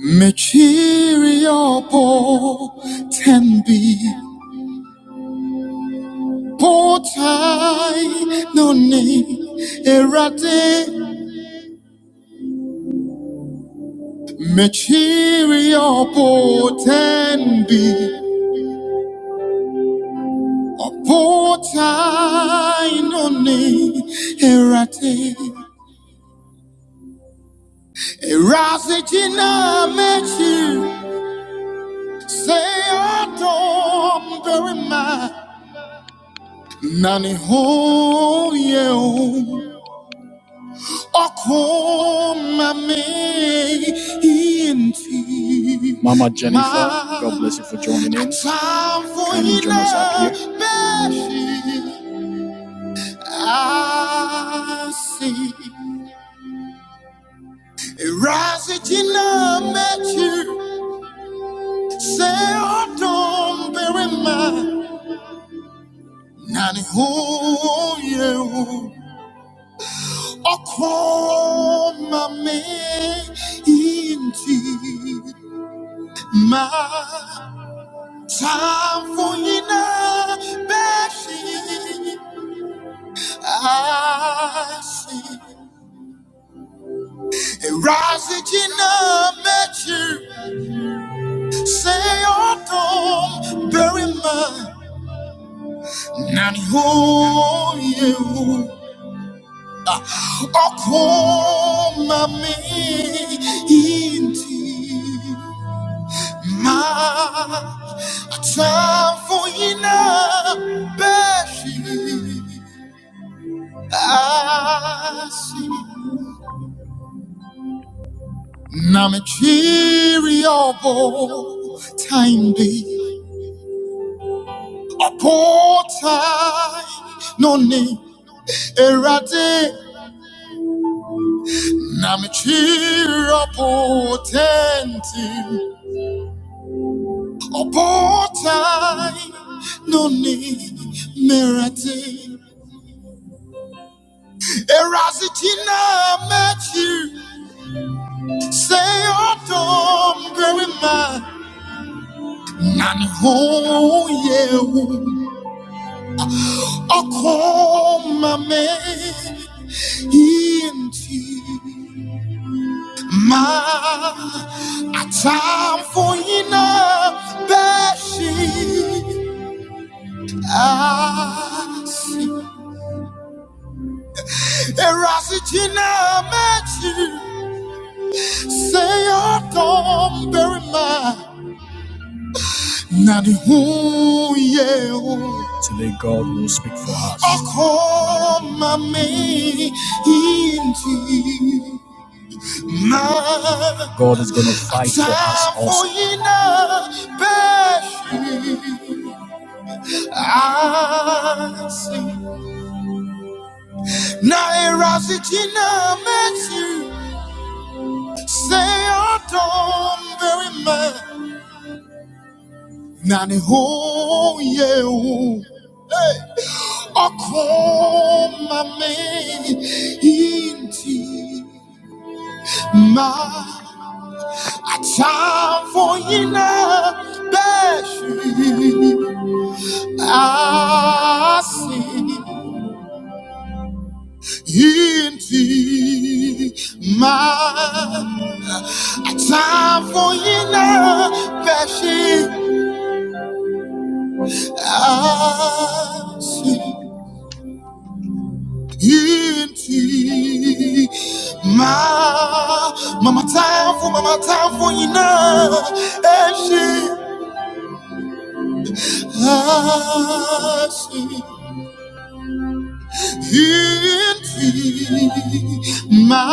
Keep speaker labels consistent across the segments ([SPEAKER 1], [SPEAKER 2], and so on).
[SPEAKER 1] Material potembi potai noni erate Material potembi potai noni erate Erasijina mechi say adom very much Nani ho ye Kindly here. Samfuina beshi asi Razi jina mechi say otom berima nani ho you okoma me inti ma samfuina beshi asi Namechiriabo timely opotai noni erade Namechiriabo tenti opotai noni merate Erazitina mechi say autumn very man Nani ho ye o koma me into my a time for enough bashing. I see a rasicina match. Say your don't bury my Nani who you Today God will speak for us. Oh, come, my me into. God My time for you now, I see in thee my time for inner passion. I see in thee my mama time for mama time for inner passion. I see ma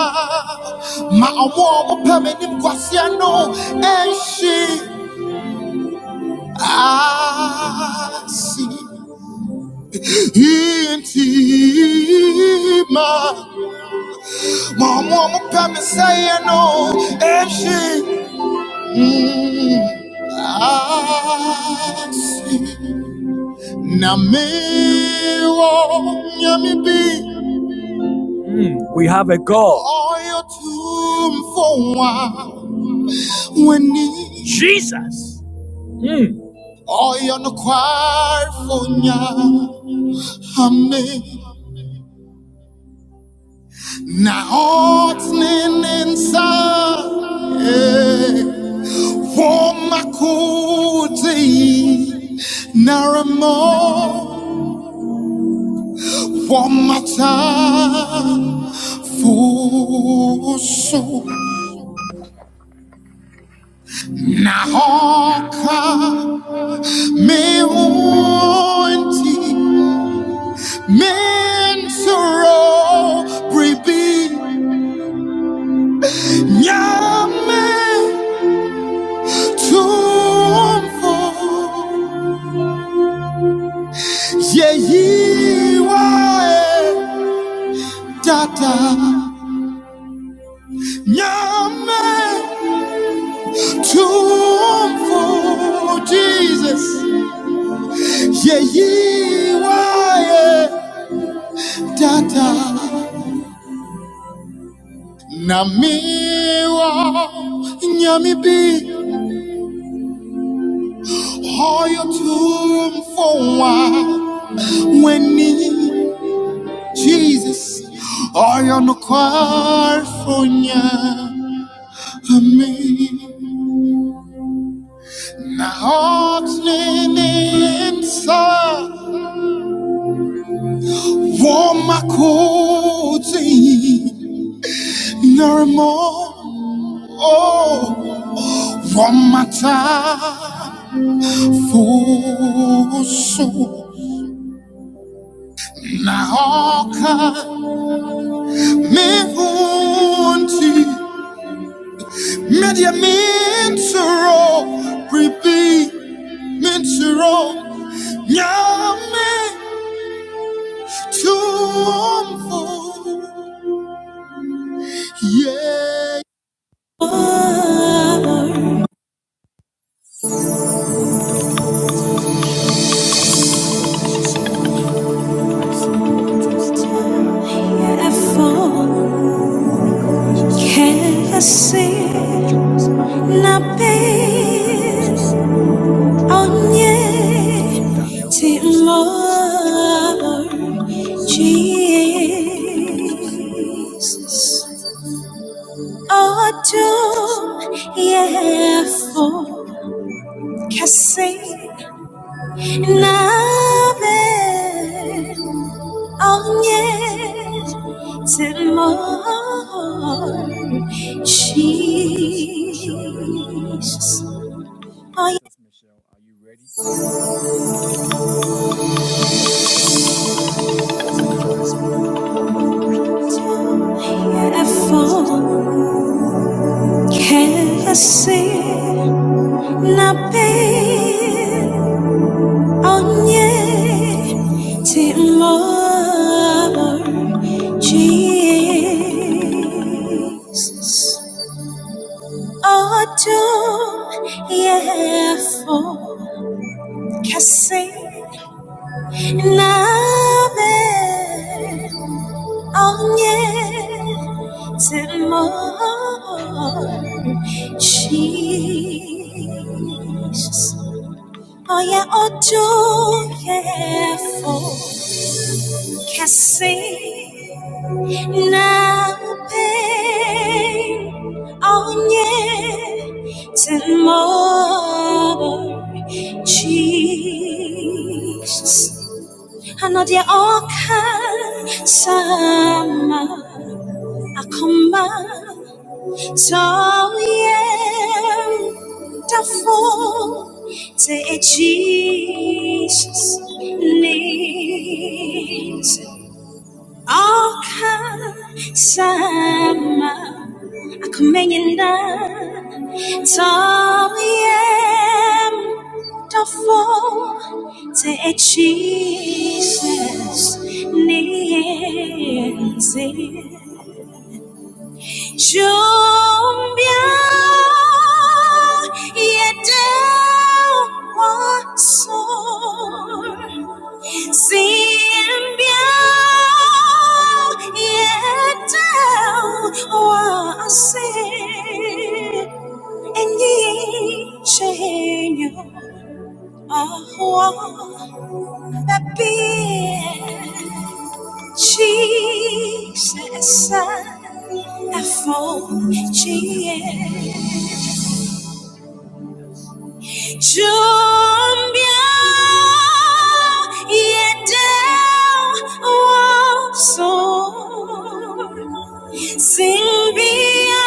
[SPEAKER 1] ma ɔmo a ɔmo pɛ me nim kwasea no ɛnhye ase nti ma ma ɔmo a ɔmo pɛ me sɛeɛ no ɛnhye mm, bi Ọ̀yọ́ Ọ̀yọ́ eh mewanti mensoro bribi nyame tumfo yeyiwae dada nyame tumfo jesus yeyiwae dada na miwa nyame bi Oil to room for wine when need Jesus. Oil no choir for ya. Amen. Na hot name sa warm my cozy. No Oh, warm my for so. Na hot me hunting. Mediamintero, repeat, mintero, nyame, tumfo, yeah. Jesus. Autumn, yeah, forecasting nave, on yet till morn, Jesus. Autumn, yeah, forecasting nave. 언예 timor Jesus 어둠 예포 가세 나베 언예 timor Jesus 어야 어둠 예포 가세 Now I'll depend on You tomorrow, Jesus. I know that all can come. I come to You, the full, the Jesus needs all kasama ako ngayon na taliem tafo te e Jesus' ni Jumbia yedeu wasor Zimbia yedeu wasir Enyichenyo ahwa babie Jesus, I fall, Jesus. Jumbia yendeo
[SPEAKER 2] Amen.
[SPEAKER 1] waso. Zimbia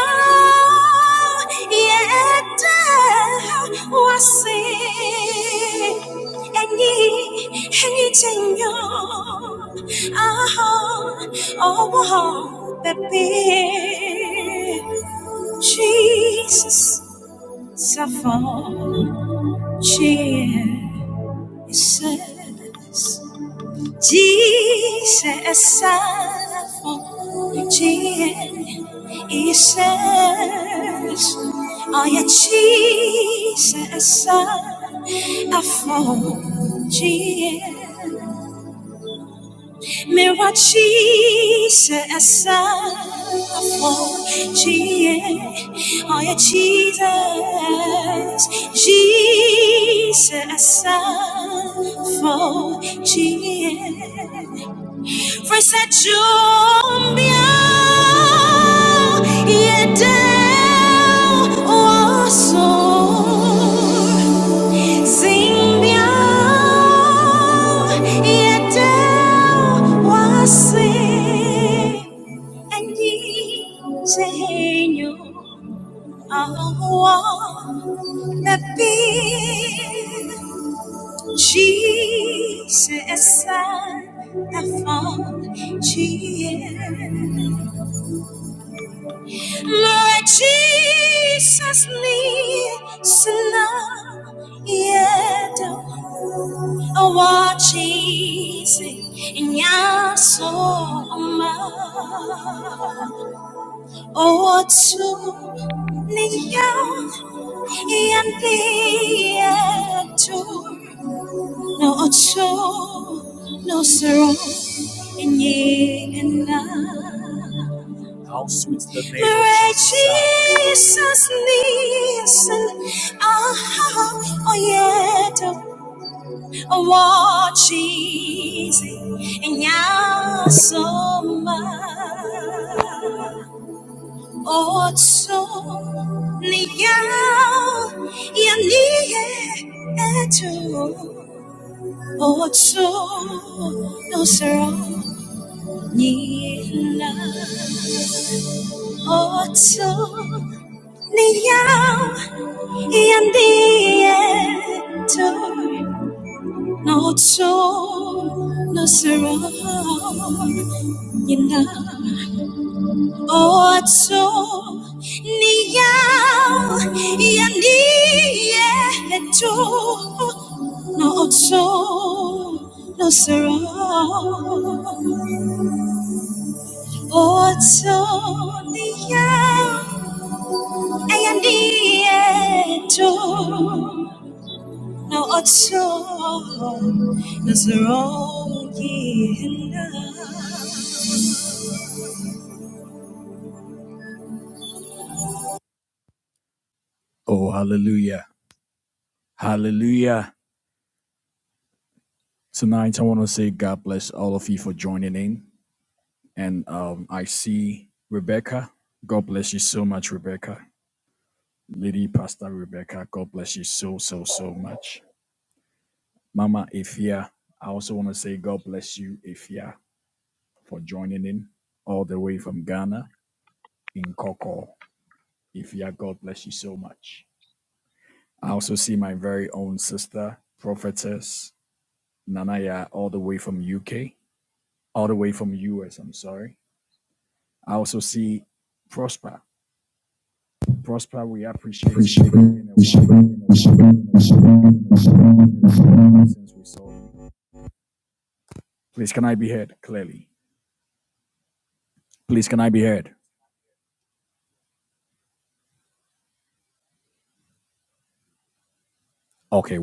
[SPEAKER 1] yete wasi enyi enyi chenyo aha owo bebi Jesus Saffron, Jesus, Jesus, Saffron, Jesus, oh yeah, Jesus, Saffron, cheer mirachiisa for Jesus oh I Jesus Jesus for Jesus. Frisechumbia Yedeu Oso Zimbia Yedeu Wasi And ye say you are one Jesus, the phone, Jesus. Lord Jesus, listen, yeah, oh, Jesus, in your soul, oh, to, yeah, and be, yeah, No ocho, no sorrow in ye and I. Pray Jesus listen, ah, oh yet, oh watch easy, and ya so much. Otso niyao yaniye eto Otso no sero You love me so, you have in me the truth. No, no sorrow. You love me so, you have in me the truth. No, no sorrow. Otsonia ayandieto na otso nazorongi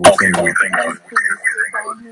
[SPEAKER 3] Okay, we thank God.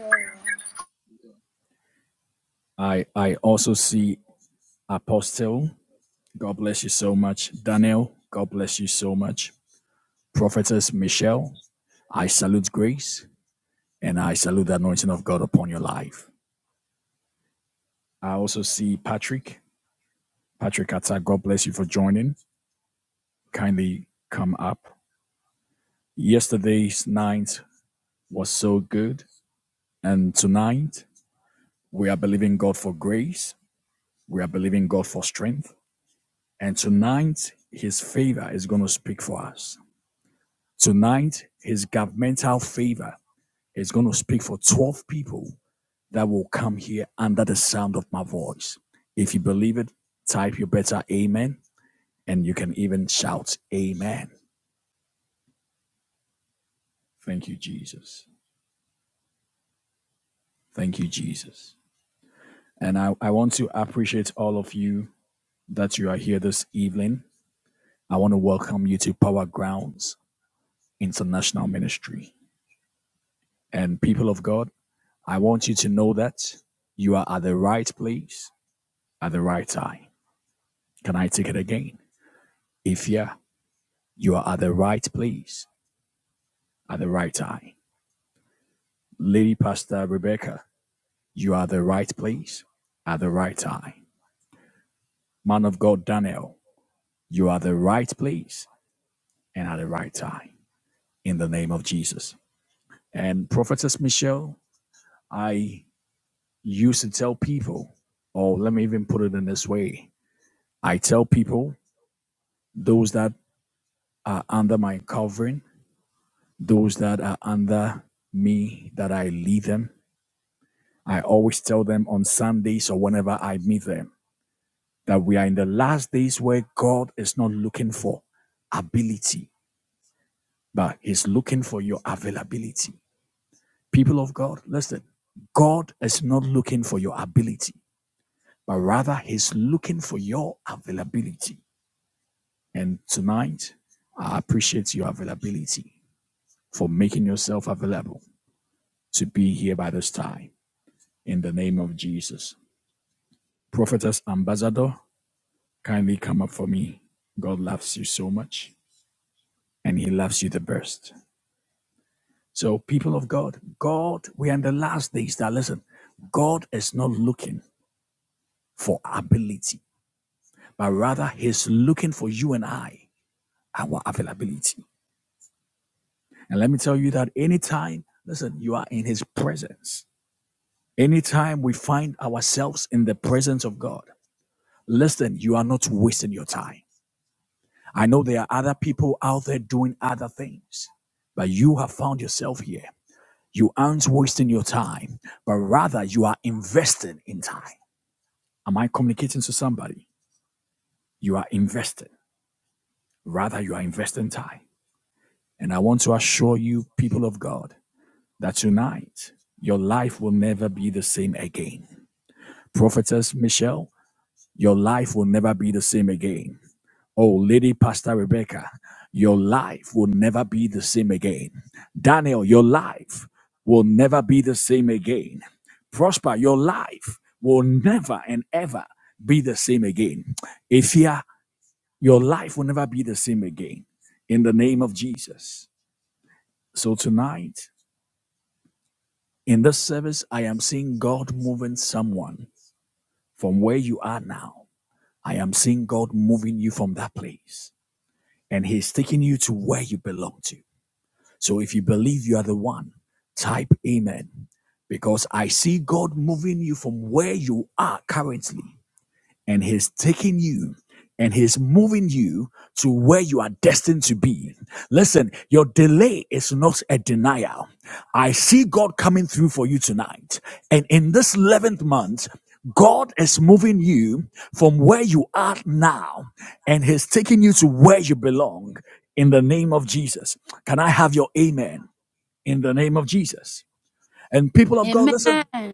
[SPEAKER 3] Yes, please. Amen.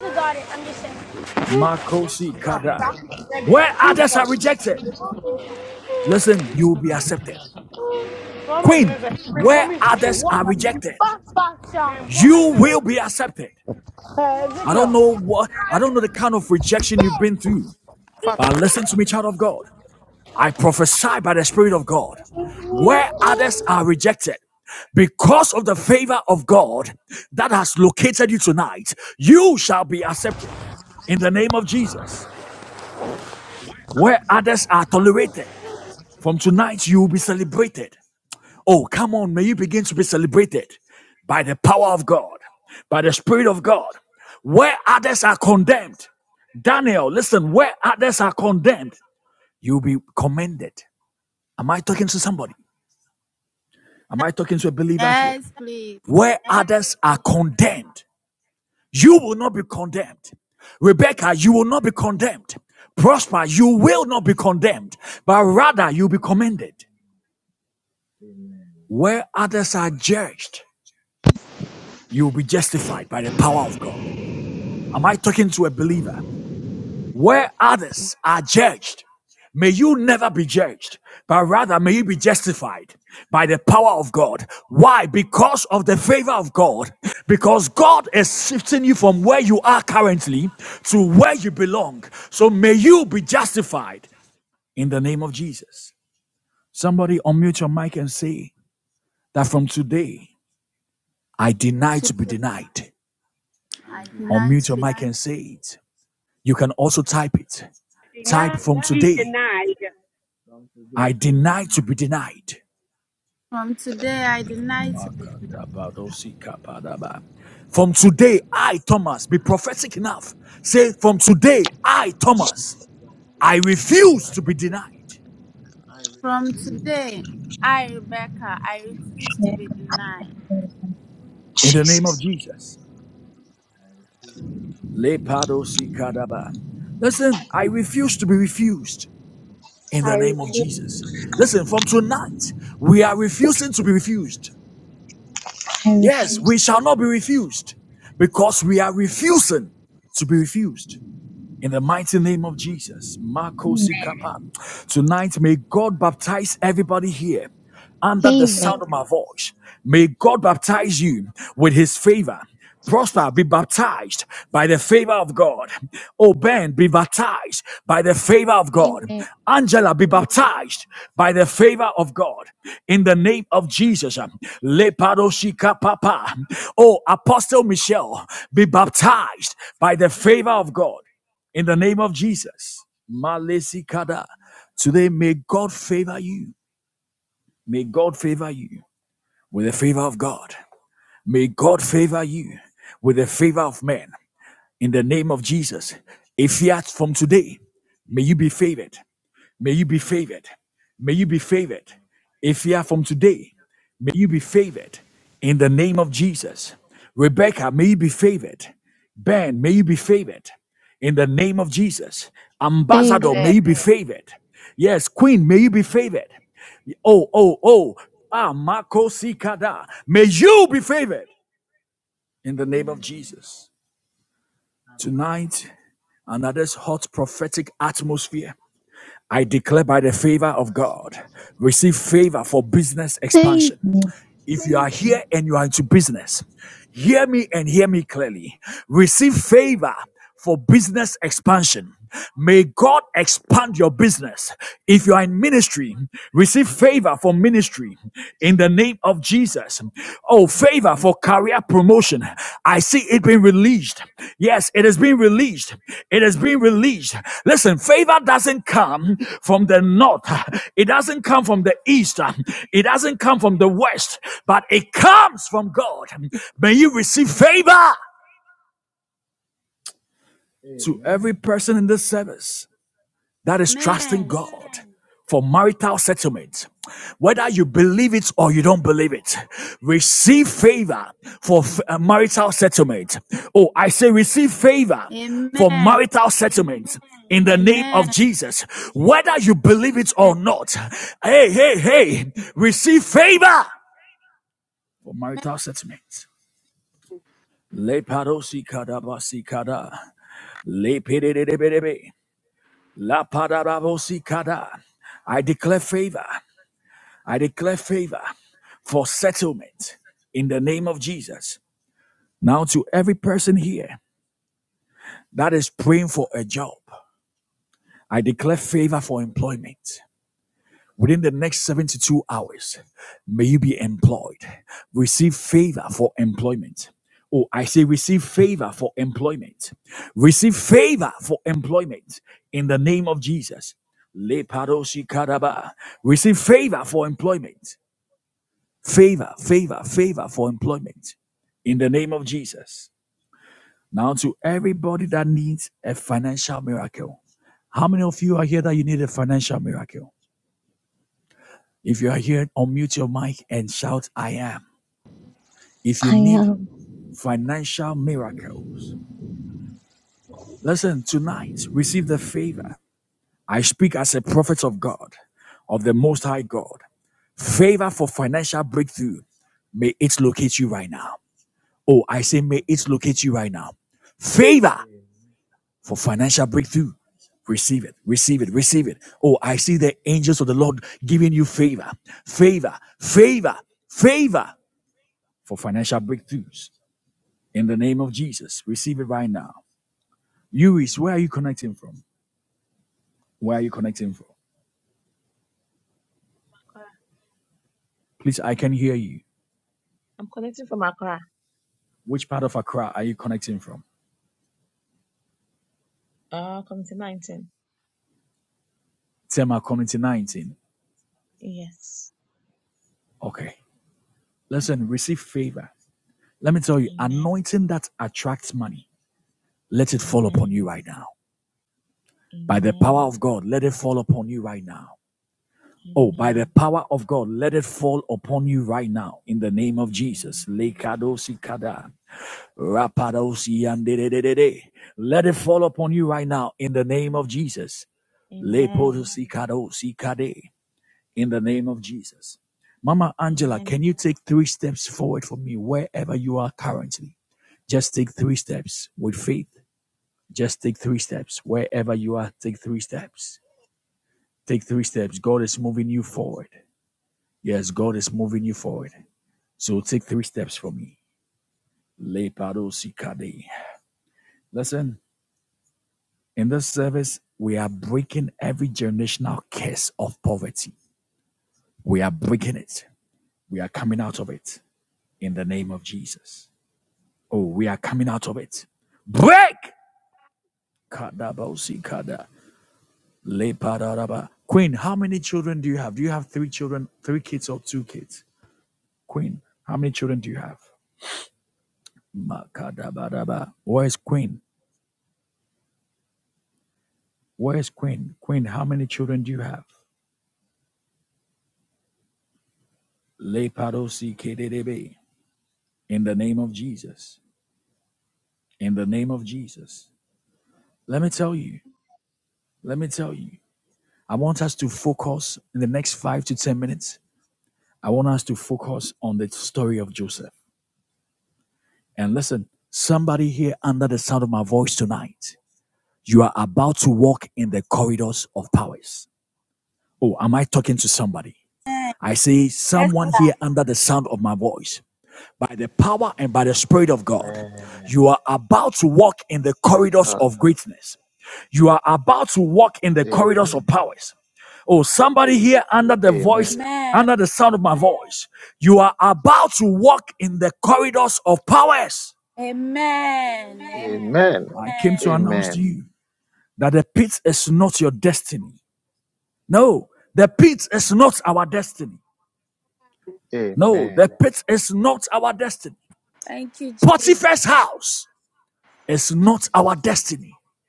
[SPEAKER 4] We got it. I'm just saying.
[SPEAKER 3] Yes, please.
[SPEAKER 5] Amen. Amen. Amen. Amen. From
[SPEAKER 3] To-
[SPEAKER 5] today, I
[SPEAKER 3] I
[SPEAKER 5] deny
[SPEAKER 3] deny to be.
[SPEAKER 5] Satan.
[SPEAKER 6] Did not be denied.
[SPEAKER 5] From today, I deny Satan.
[SPEAKER 3] From
[SPEAKER 5] I
[SPEAKER 3] today, I
[SPEAKER 5] deny
[SPEAKER 3] deny to
[SPEAKER 5] Satan.
[SPEAKER 3] be.
[SPEAKER 5] From today, I prosper. I
[SPEAKER 3] From
[SPEAKER 5] refuse to be
[SPEAKER 3] today,
[SPEAKER 5] denied.
[SPEAKER 3] I, Rebecca, I refuse to be
[SPEAKER 7] Amen.
[SPEAKER 3] denied.
[SPEAKER 5] From today, I prosper. I refuse to be denied.
[SPEAKER 7] I
[SPEAKER 5] I
[SPEAKER 7] refuse
[SPEAKER 5] refuse to be denied.
[SPEAKER 7] I refuse to be mad. Hey man.
[SPEAKER 5] Amen. Amen. Amen. Amen.
[SPEAKER 7] Amen.
[SPEAKER 5] Amen. Amen. Amen. Yes, Lord. Yes, Lord. Amen. Amen.
[SPEAKER 7] Amen. Hey man,
[SPEAKER 5] Amen. Amen.
[SPEAKER 7] hey man.
[SPEAKER 5] Amen.
[SPEAKER 3] Amen. Amen. Amen. Amen.
[SPEAKER 7] I am
[SPEAKER 5] Amen.
[SPEAKER 8] Accra. I'm connecting from Accra. Uh, Committee 19. Yes. Amen. Amen. Amen. Amen. Amen. Amen. Amen.
[SPEAKER 3] Amen. Esther.
[SPEAKER 5] Amen. Yes, Lord. Amen. Amen.
[SPEAKER 3] Amen. Amen.
[SPEAKER 5] Amen.
[SPEAKER 3] Amen.
[SPEAKER 5] Amen. Amen.
[SPEAKER 3] Thank you, Jesus.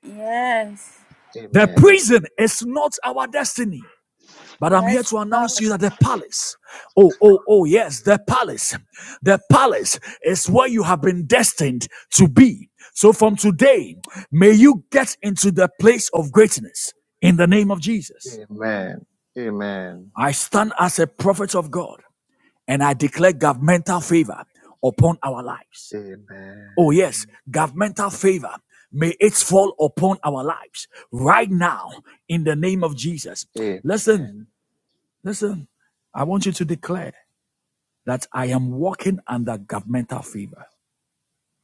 [SPEAKER 3] Yes.
[SPEAKER 5] Amen.
[SPEAKER 3] Yes, God.
[SPEAKER 5] Amen. Amen. Amen. Amen.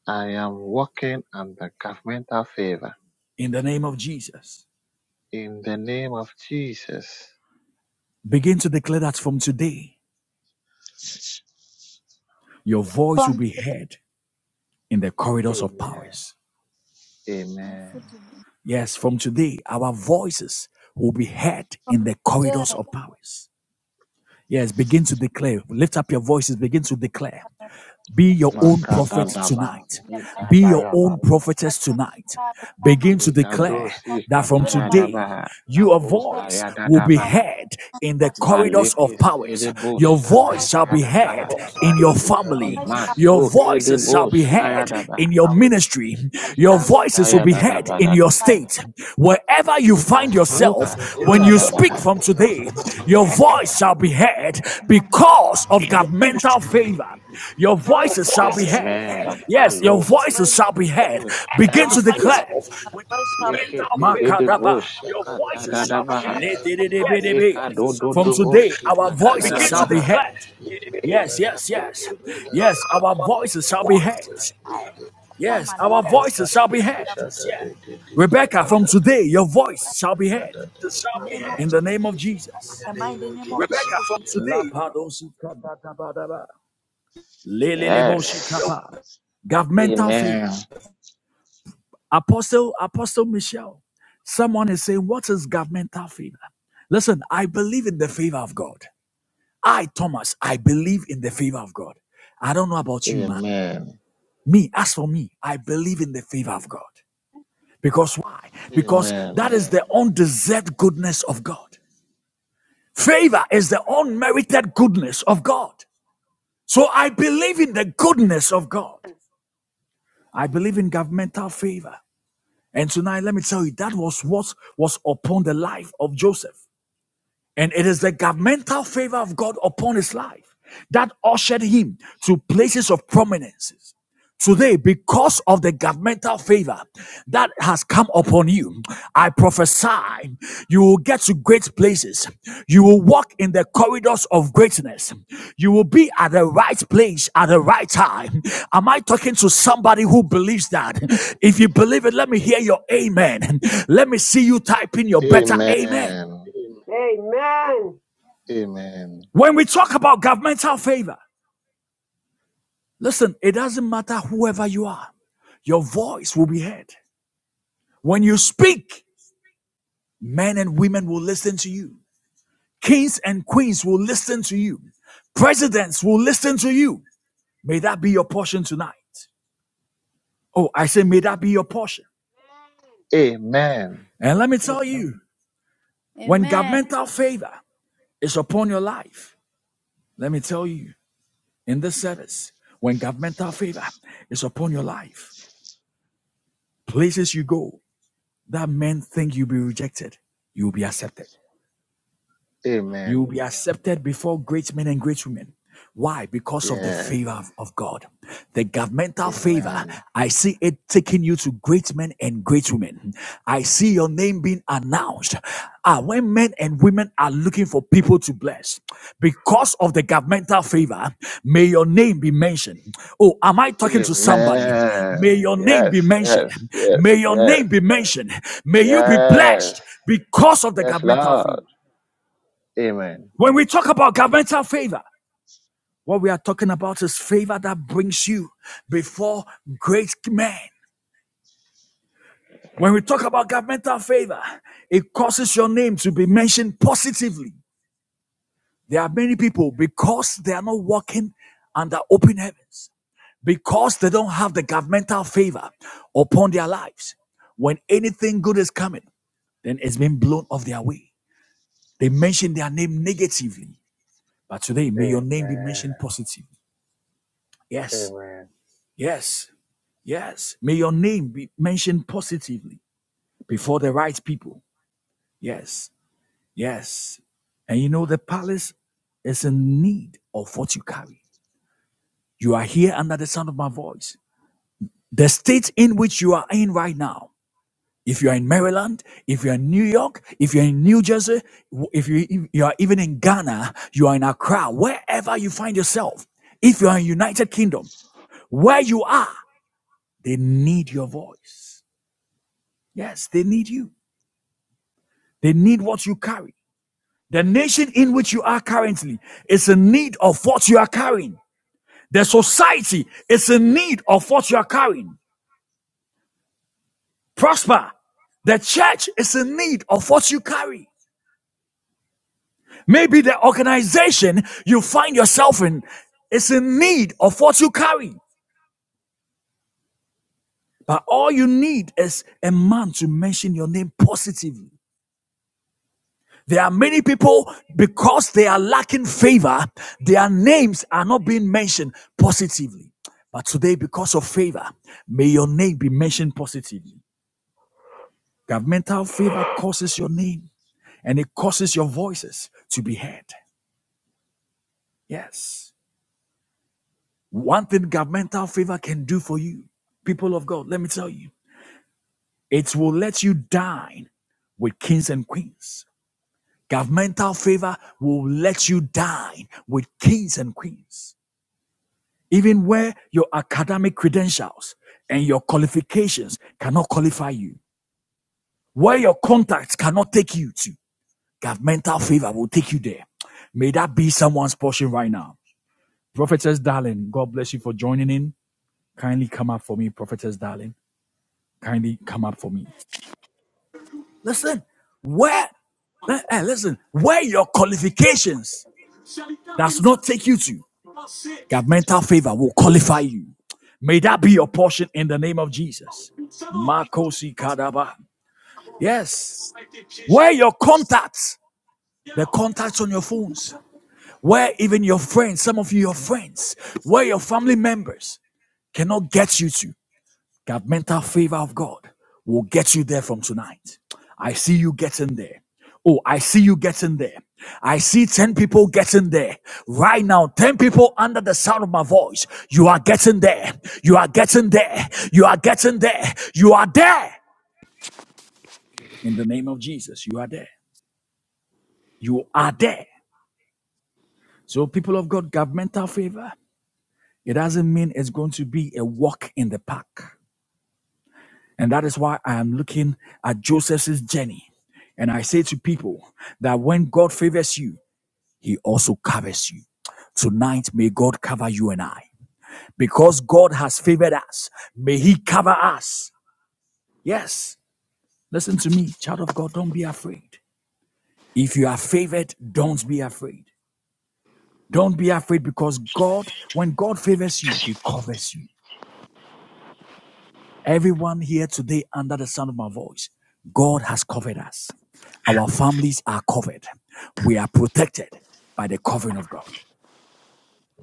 [SPEAKER 5] I am walking under governmental favor. In the name of Jesus.
[SPEAKER 3] From today,
[SPEAKER 5] Amen. Amen.
[SPEAKER 3] from today,
[SPEAKER 5] Makadadaba.
[SPEAKER 3] from today.
[SPEAKER 5] Ikadayaba.
[SPEAKER 3] of the God upon my life, from
[SPEAKER 5] Likadosi
[SPEAKER 3] where my
[SPEAKER 5] katayadaba.
[SPEAKER 3] worship is head,
[SPEAKER 5] Lakosa
[SPEAKER 3] from
[SPEAKER 5] yadadaba.
[SPEAKER 3] of God,
[SPEAKER 5] Maleke sedebo
[SPEAKER 3] horizontal,
[SPEAKER 5] shakatayadaba.
[SPEAKER 3] my worship is head,
[SPEAKER 5] Limasoke debo
[SPEAKER 3] horizontal,
[SPEAKER 5] shayadaba.
[SPEAKER 3] in the mighty name of Jesus,
[SPEAKER 5] Likasayadadaba dadaba.
[SPEAKER 3] my worship is
[SPEAKER 5] Likasoka toyadaba.
[SPEAKER 3] of my worship, in the mighty
[SPEAKER 9] in your ministry.
[SPEAKER 3] God,
[SPEAKER 9] Your
[SPEAKER 3] of
[SPEAKER 9] voices will be
[SPEAKER 5] Amen.
[SPEAKER 9] heard.
[SPEAKER 3] my
[SPEAKER 5] Malo
[SPEAKER 3] worship is head,
[SPEAKER 5] sedebo
[SPEAKER 9] And You find
[SPEAKER 5] shayadadaba.
[SPEAKER 9] yourself with
[SPEAKER 3] my worship is
[SPEAKER 9] a
[SPEAKER 3] my
[SPEAKER 9] mental
[SPEAKER 5] lekete dede
[SPEAKER 9] favor.
[SPEAKER 5] bo shika
[SPEAKER 9] Your
[SPEAKER 5] ta
[SPEAKER 9] voices
[SPEAKER 5] da
[SPEAKER 9] shall be
[SPEAKER 3] worship
[SPEAKER 5] baha
[SPEAKER 9] heard.
[SPEAKER 3] is head from
[SPEAKER 9] Yes, your
[SPEAKER 5] leka do
[SPEAKER 9] voices
[SPEAKER 5] do
[SPEAKER 9] shall be
[SPEAKER 5] do
[SPEAKER 9] heard.
[SPEAKER 5] bo shika
[SPEAKER 3] where my
[SPEAKER 5] ta
[SPEAKER 3] worship is
[SPEAKER 9] Begin to
[SPEAKER 5] baha
[SPEAKER 9] declare. your Voices shall be
[SPEAKER 3] high,
[SPEAKER 9] heard.
[SPEAKER 3] upon my life,
[SPEAKER 9] Yes, they
[SPEAKER 3] in
[SPEAKER 9] shall
[SPEAKER 3] the
[SPEAKER 9] be
[SPEAKER 3] name of
[SPEAKER 9] heard.
[SPEAKER 3] Jesus, in the mighty name of
[SPEAKER 9] Rebecca,
[SPEAKER 3] Jesus,
[SPEAKER 9] from today. your
[SPEAKER 5] Yes. Amen. Amen. Amen. Amen.
[SPEAKER 6] Amen.
[SPEAKER 5] Amen. Amen.
[SPEAKER 3] Amen.
[SPEAKER 5] Amen. Yes. Amen. Amen. Yes. Yes. Yes. Yes. Yes. Yes, Lord. Amen. Amen. Amen.
[SPEAKER 10] Salita pensée et nous savons a été piégé ailleurs.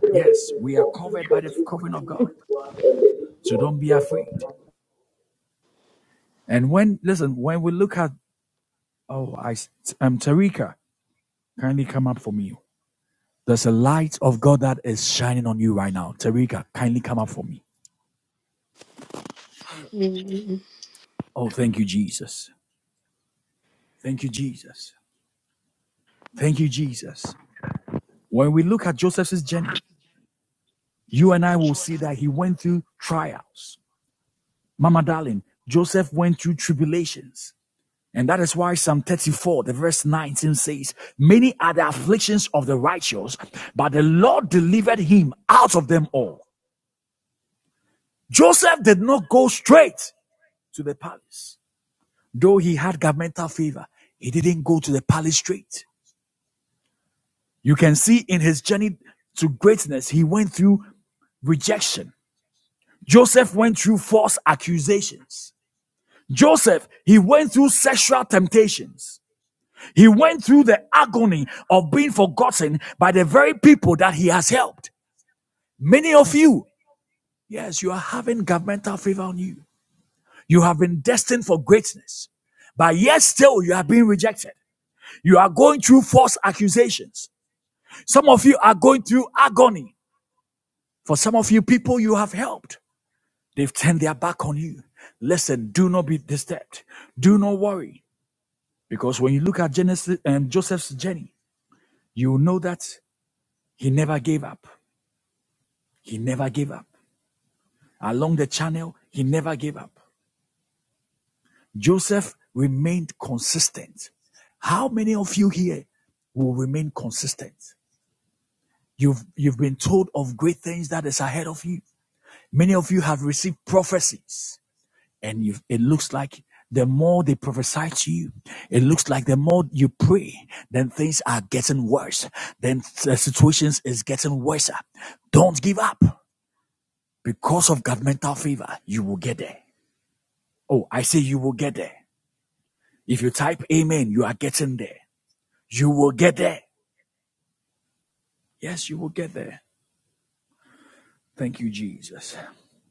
[SPEAKER 11] Three of the conflict was with issue of one and the issue of weapons.
[SPEAKER 10] Mmh.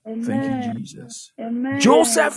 [SPEAKER 3] Amen. Amen.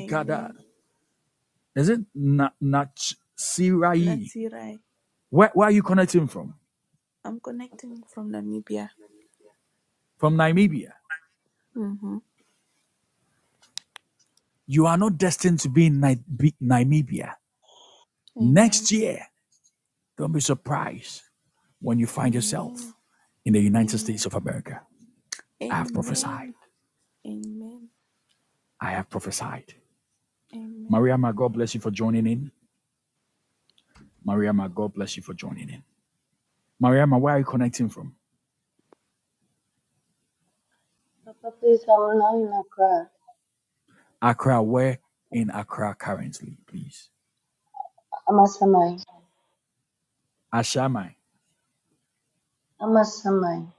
[SPEAKER 12] Amen. Natsirai. I'm connecting from Namibia. Mm-hmm. Amen. Amen. Amen. Amen. Amen. Amen.
[SPEAKER 13] Papa, please, I'm now in a Accra. Amasamai. Amasamai.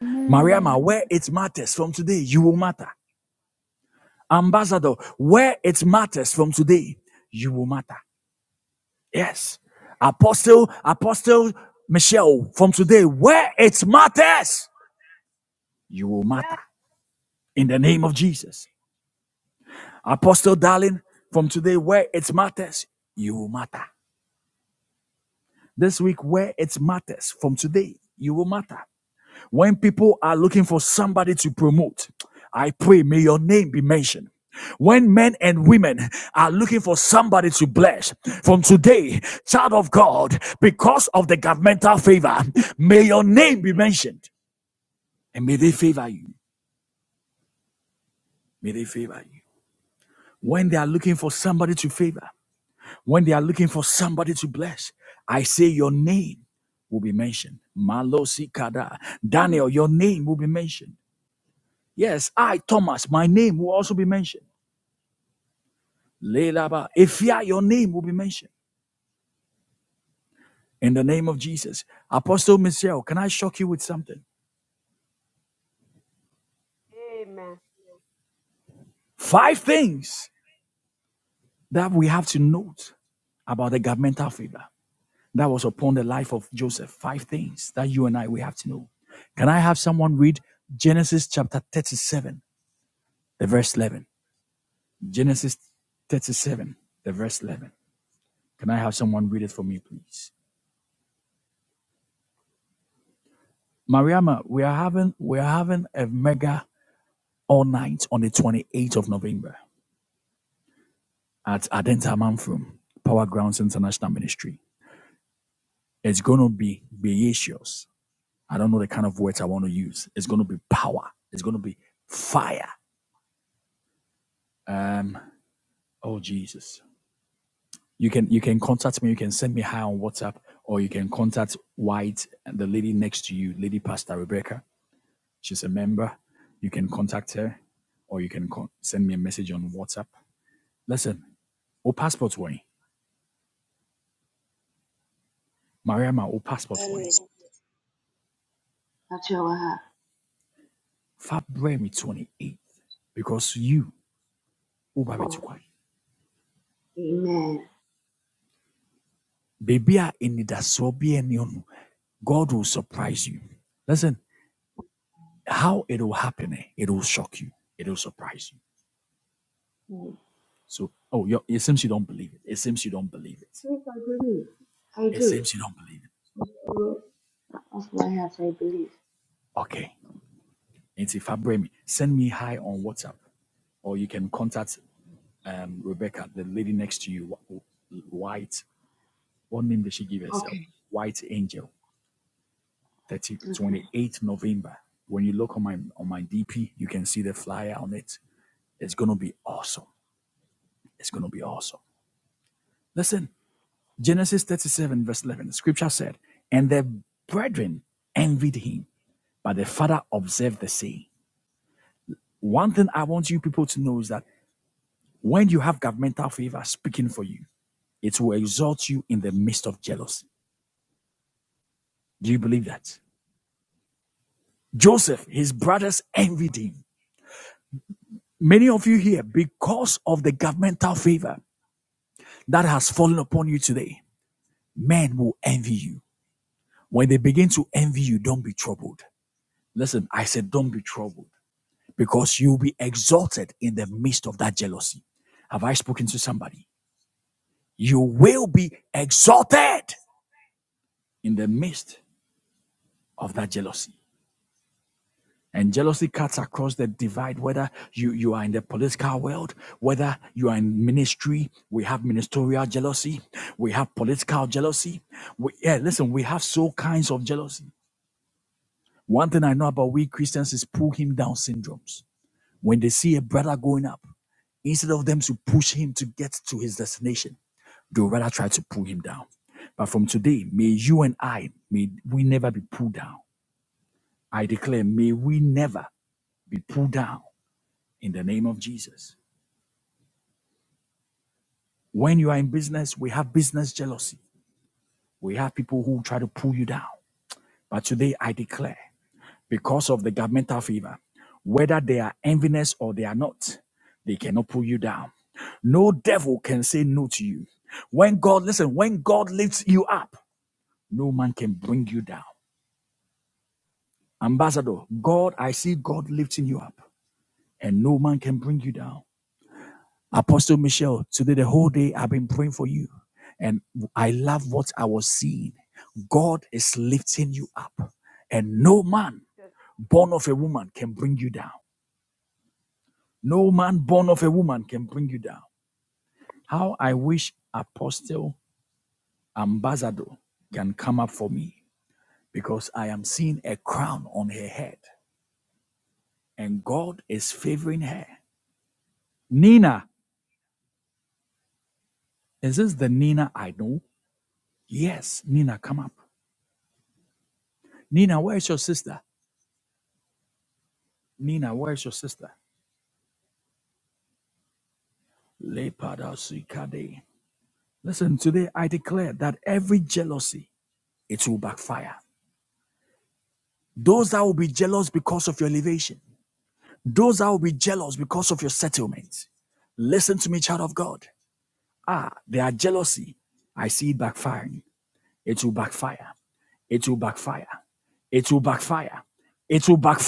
[SPEAKER 3] Amen.
[SPEAKER 6] Amen. Amen.
[SPEAKER 13] Achawaha. Oh, amen. Mm. Please, I believe. I do. Of my heart, I believe. Okay, okay.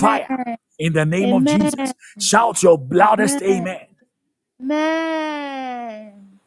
[SPEAKER 3] Amen. Amen. Amen. Amen.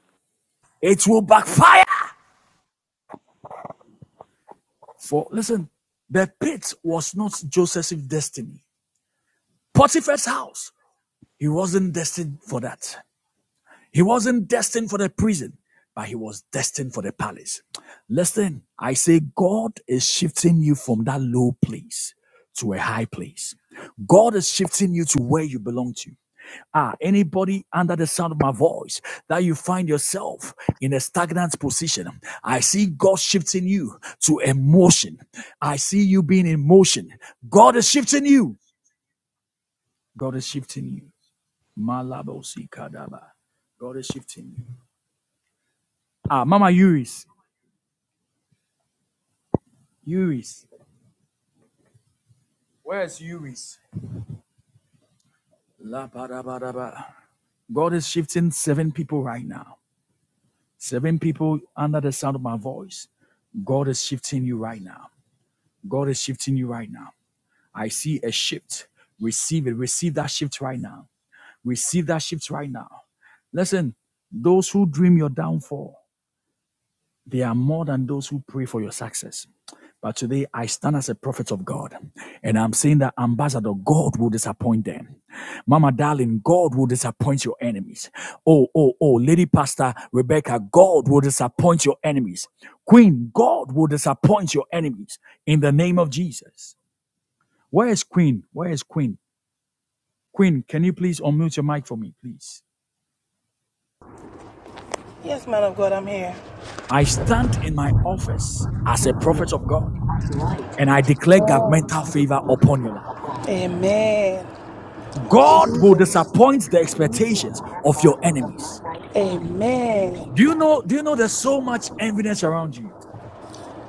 [SPEAKER 4] Yes, man of God, I'm here. Amen. I receive it. Amen.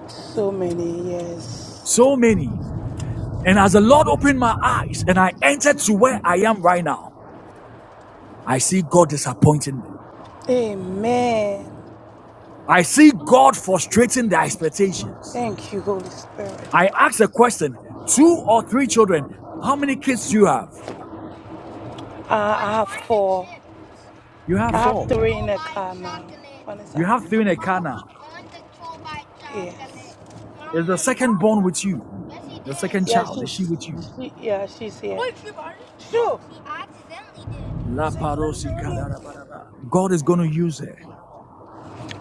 [SPEAKER 4] So many years. Amen. Thank you, Holy Spirit. Uh, I have four. I have three in the car now. One is out. Yes. Yeah, she's. She, yeah, she's here. Sure.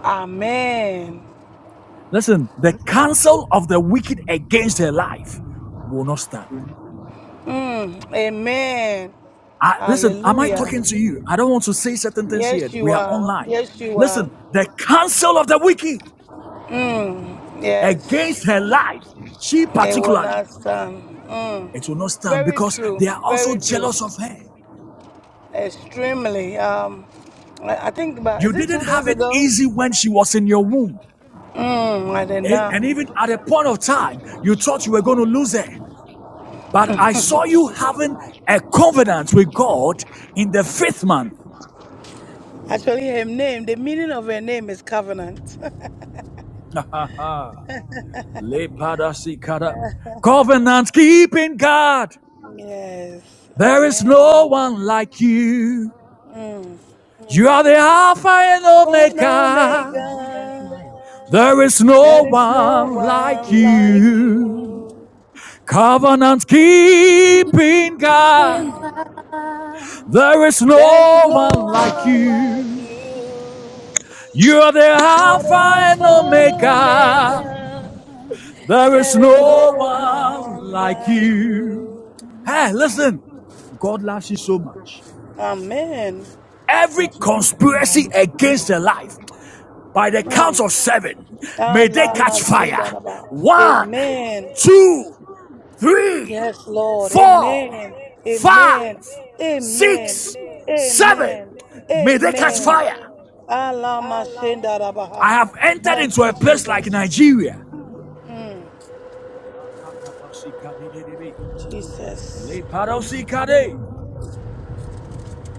[SPEAKER 4] Amen. Mm, amen. Hallelujah. Yes, you are. Yes, you are. Mm, yes, it will not stand. Mm, very true. Very true. Extremely. Um, I I think about is it two days ago? Mm, I did not. Actually, her name. The meaning of her name is covenant. yes. Amen. Mm. But Omega, there is no one like you.
[SPEAKER 3] In God,
[SPEAKER 4] There is
[SPEAKER 3] there is
[SPEAKER 4] no
[SPEAKER 3] no
[SPEAKER 4] one
[SPEAKER 3] one
[SPEAKER 4] like you. You are the Alpha and
[SPEAKER 3] alone.
[SPEAKER 4] Omega. There is no one like you. Amen. Mm. Ah, la, ma, shi, da, da, ba. Amen. Yes, Lord. Amen. Amen. Amen. Amen. Amen. Allah Mashendarabaha. Thank you, Jesus. Mm, Jesus.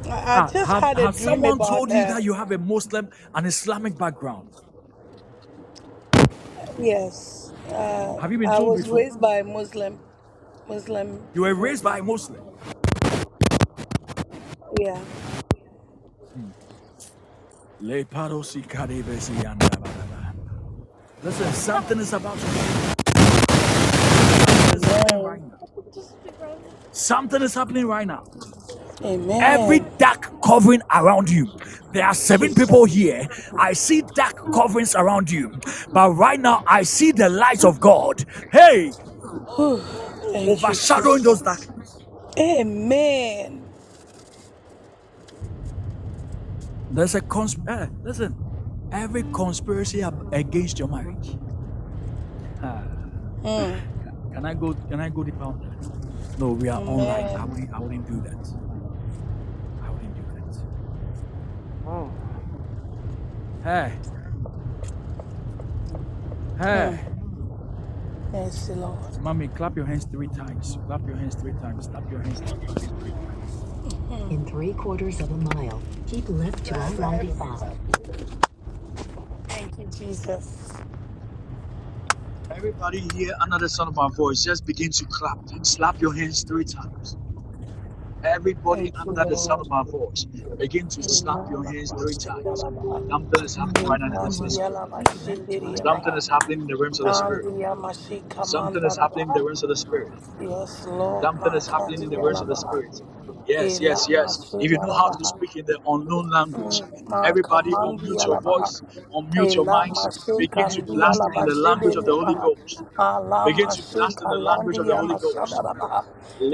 [SPEAKER 4] I I just had a dream about her. Yes, uh, I was raised by Muslim Muslim people. Yeah. Amen. Amen. Jesus. Whew. Thank you, Jesus. Amen. Mm. Amen. Mm. Yes, Lord. Mm. In three quarters of a mile, keep left to I 95. Thank you, Jesus. Thank you, Lord. Amen. Straight up, up, up. Keep out of our- Eh, God, to yell out my shit, did Nandia Mashika Mandaraba. Yes, Lord, Makadia Labaha. Ela Mashika Labaha. Makamandia Labaha. Ela Mashika Ndia Labashede Labaha. Ala Mashika Landia Mashadarabaha.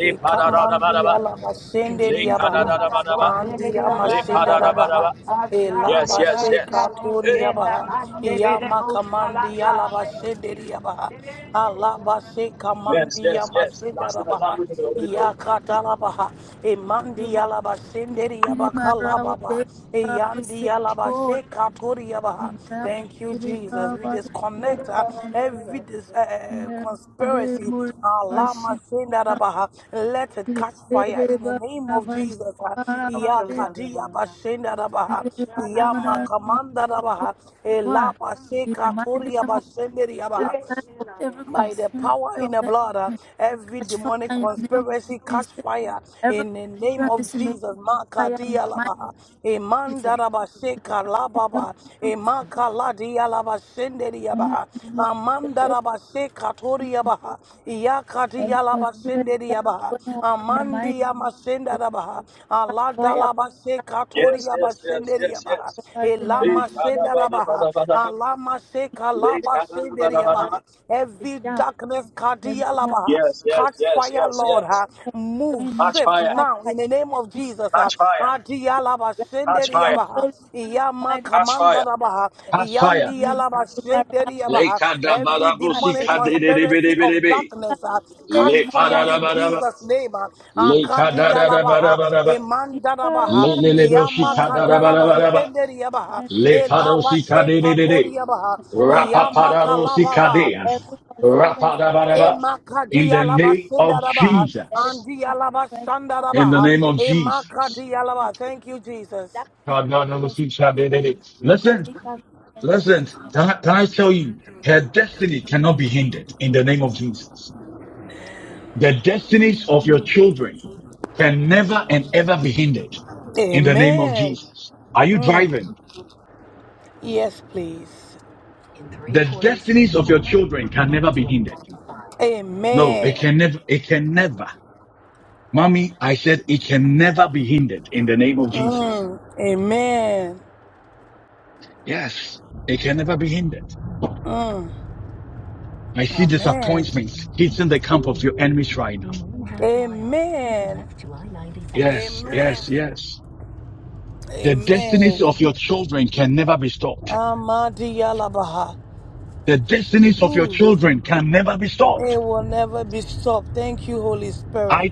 [SPEAKER 4] Ekamandia Labashende Yabaha. Andia Mashindarabaha. Elabashe Katoria Baha, Yama Kamandi Alabashe Deriabaha, Alabashe Kamandi Yamashinda Rabaha, Yakatalabaha,
[SPEAKER 3] You
[SPEAKER 4] Emandi
[SPEAKER 3] will
[SPEAKER 4] Alabashe
[SPEAKER 3] be my
[SPEAKER 4] Deriabaka
[SPEAKER 3] rock,
[SPEAKER 4] Lababa,
[SPEAKER 3] my
[SPEAKER 4] Eyandi
[SPEAKER 3] savior.
[SPEAKER 4] Alabashe Katoria
[SPEAKER 3] You will
[SPEAKER 4] Thank. Thank you,
[SPEAKER 3] be
[SPEAKER 4] Jesus.
[SPEAKER 3] my rock,
[SPEAKER 4] We
[SPEAKER 3] my savior.
[SPEAKER 4] disconnect uh, every dis- uh, uh,
[SPEAKER 3] You
[SPEAKER 4] conspiracy.
[SPEAKER 3] will
[SPEAKER 4] Allah, my sin that about her. let it catch fire
[SPEAKER 3] be
[SPEAKER 4] in the
[SPEAKER 3] my
[SPEAKER 4] name of Jesus. uh. Ya kadiya ba that
[SPEAKER 3] He
[SPEAKER 4] about her. Ya ma
[SPEAKER 3] reminded
[SPEAKER 4] that about her. Ela ba se katoriya
[SPEAKER 3] them of
[SPEAKER 4] that
[SPEAKER 3] the
[SPEAKER 4] about her
[SPEAKER 3] attack of every
[SPEAKER 4] by the
[SPEAKER 3] conspiracy
[SPEAKER 4] power
[SPEAKER 3] of
[SPEAKER 4] in the
[SPEAKER 3] the
[SPEAKER 4] blood, uh,
[SPEAKER 3] enemy
[SPEAKER 4] every
[SPEAKER 3] catch fire
[SPEAKER 4] demonic
[SPEAKER 3] in the name of
[SPEAKER 4] conspiracy catch
[SPEAKER 3] Jesus.
[SPEAKER 4] fire
[SPEAKER 3] Every
[SPEAKER 4] in the name of
[SPEAKER 3] conspiracy made
[SPEAKER 4] Jesus.
[SPEAKER 3] fire in
[SPEAKER 4] Makadia
[SPEAKER 3] my
[SPEAKER 4] labaha,
[SPEAKER 3] Jesus.
[SPEAKER 4] emandaraba sheka
[SPEAKER 3] Mighty name of
[SPEAKER 4] lababa,
[SPEAKER 3] Jesus.
[SPEAKER 4] emakaladia laba
[SPEAKER 3] The
[SPEAKER 4] shenderiabaha,
[SPEAKER 3] mighty name of Jesus.
[SPEAKER 4] amandaraba sheka toriabaha,
[SPEAKER 3] Every
[SPEAKER 4] iyakadia laba
[SPEAKER 3] conspiracy that is
[SPEAKER 4] shenderiabaha,
[SPEAKER 3] going on in the mighty
[SPEAKER 4] amandia
[SPEAKER 3] name
[SPEAKER 4] mashendarabaha,
[SPEAKER 3] catch fire by
[SPEAKER 4] aladalaba
[SPEAKER 3] the blood of
[SPEAKER 4] sheka
[SPEAKER 3] Jesus
[SPEAKER 4] toriaba shenderiabaha,
[SPEAKER 3] Christ in the mighty
[SPEAKER 4] elama
[SPEAKER 3] name
[SPEAKER 4] shendarabaha, alama sheka laba
[SPEAKER 3] of Jesus.
[SPEAKER 4] shenderiabaha,
[SPEAKER 3] The
[SPEAKER 4] Every
[SPEAKER 3] jam
[SPEAKER 4] darkness,
[SPEAKER 3] in the name of
[SPEAKER 4] Kadiyalabaha, catch fire, Lord. ha.
[SPEAKER 3] Jesus.
[SPEAKER 4] Move,
[SPEAKER 3] Going on
[SPEAKER 4] shift
[SPEAKER 3] catch
[SPEAKER 4] now in the name of Jesus.
[SPEAKER 3] fire.
[SPEAKER 4] ha. Adiyalaba,
[SPEAKER 3] You
[SPEAKER 4] Shenderiyabaha,
[SPEAKER 3] glorify the
[SPEAKER 4] Iyama,
[SPEAKER 3] mighty
[SPEAKER 4] Kamandarabaha,
[SPEAKER 3] God.
[SPEAKER 4] Yandiyalaba,
[SPEAKER 3] Rama Shiva
[SPEAKER 4] Shenderiyabaha.
[SPEAKER 3] Rama
[SPEAKER 4] Every demonic
[SPEAKER 3] Deva
[SPEAKER 4] conspiracy of darkness, ha,
[SPEAKER 3] Rama Deva Rama
[SPEAKER 4] catch fire in Jesus' name. ha.
[SPEAKER 3] Rama
[SPEAKER 4] Akadiyalabaha,
[SPEAKER 3] Shiva
[SPEAKER 4] Imandarabaha,
[SPEAKER 3] Rama Deva
[SPEAKER 4] Iyama,
[SPEAKER 3] Rama Shiva Rama Deva Rama
[SPEAKER 4] Kadalaba, Shenderiyabaha, Elaba, Shekatoriyabaha,
[SPEAKER 3] Rama Deva Rama
[SPEAKER 4] Iyama,
[SPEAKER 3] Shiva.
[SPEAKER 4] Kalababa.
[SPEAKER 3] Every conspiracy
[SPEAKER 4] Emakati yalaba sendarabaha,
[SPEAKER 3] that is a
[SPEAKER 4] andi yalaba
[SPEAKER 3] conspiracy
[SPEAKER 4] shandarabaha, emakati yalaba. Thank you, Jesus.
[SPEAKER 3] that may be conspiracy that is make us in the mighty name.
[SPEAKER 4] Amen. Mm. Yes, please. Amen. Mm. Amen. Mm. Amen. Amen. Amen. Amen. Amadi yalabaha. It will never be stopped. Thank you, Holy Spirit.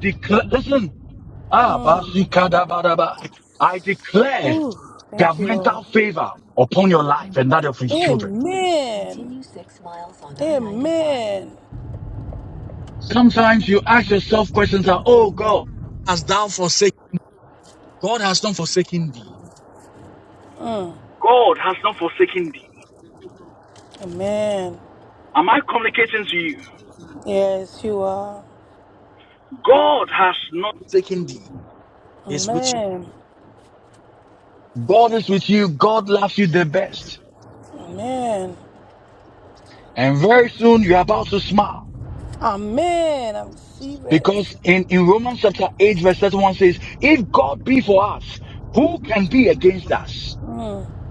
[SPEAKER 4] Mm. Ooh, thank you, Lord. Amen. Amen. Mm. Amen. Yes, you are. Amen. Amen. Amen. I receive it. Mm.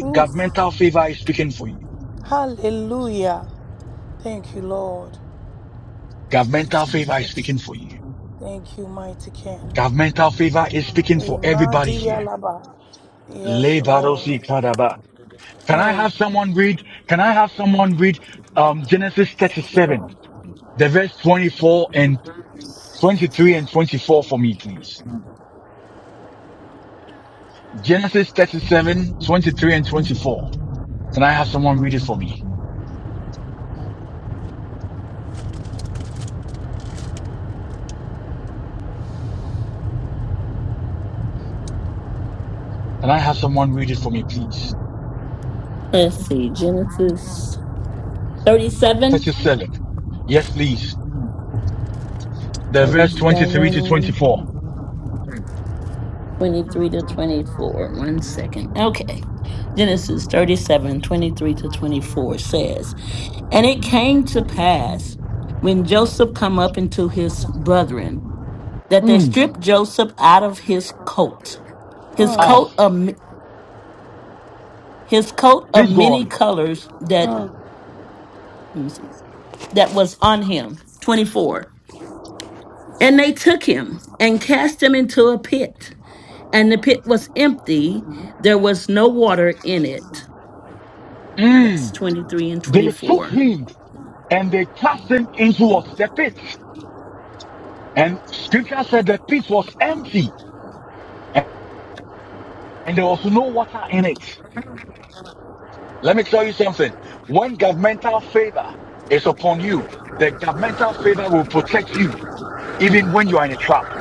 [SPEAKER 4] Ooh. Hallelujah. Thank you, Lord. Thank you, Jesus. Thank you, mighty King. Amen. Yes, Lord. Uh, thank you, Lord.
[SPEAKER 14] Let's see, Genesis 37 37 23 to 24. One second. Okay. Genesis thirty seven twenty three to 24 says, And it came to pass when Joseph come up into his brethren that they stripped Joseph out of his coat, his
[SPEAKER 4] Uh,
[SPEAKER 14] coat of m- his coat of many colors that
[SPEAKER 4] uh.
[SPEAKER 14] let me see that was on him. 24. And they took him and cast him into a pit And the pit was empty, there was no water in it. That's 23 and 24.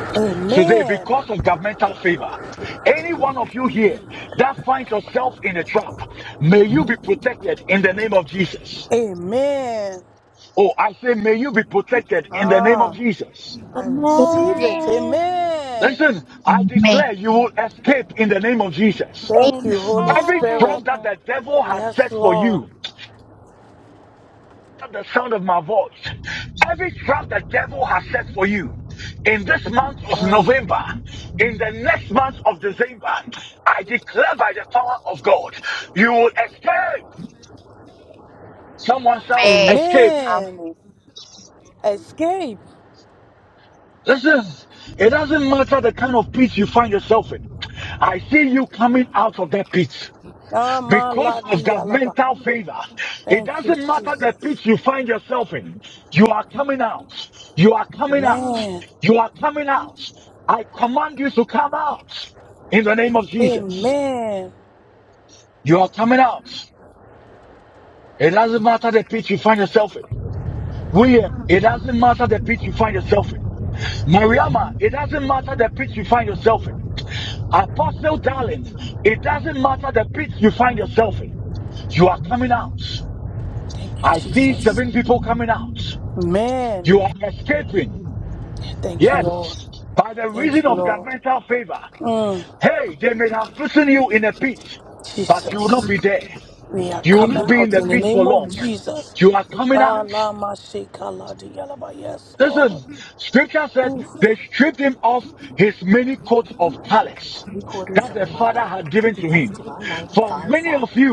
[SPEAKER 4] Amen. Amen. Ah, I receive
[SPEAKER 7] Amen.
[SPEAKER 4] it.
[SPEAKER 3] Amen.
[SPEAKER 4] Amen.
[SPEAKER 7] made. Amen.
[SPEAKER 4] Thank
[SPEAKER 7] Amen.
[SPEAKER 4] you, Holy Spirit.
[SPEAKER 3] Amen.
[SPEAKER 4] Yes, Lord. Mm. Amen.
[SPEAKER 7] Amen.
[SPEAKER 4] Escape. Amaladi alabaha. Thank you, Jesus. Amen. Amen. Thank you, Jesus. Amen. Thank you, Lord. Thank you, Lord. Mm. Jesus. We are coming out in the name of Jesus. Alama shekala di yalaba. Yes, Lord. Oof. Three quarters of a mile. Take the left to I-95 south.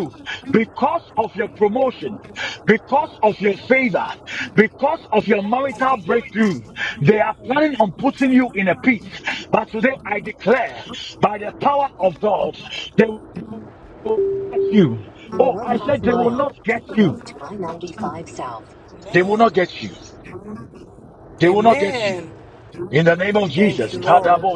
[SPEAKER 4] In one half mile, take the left to I-95 south. Amen. Amen. Thank you, Lord.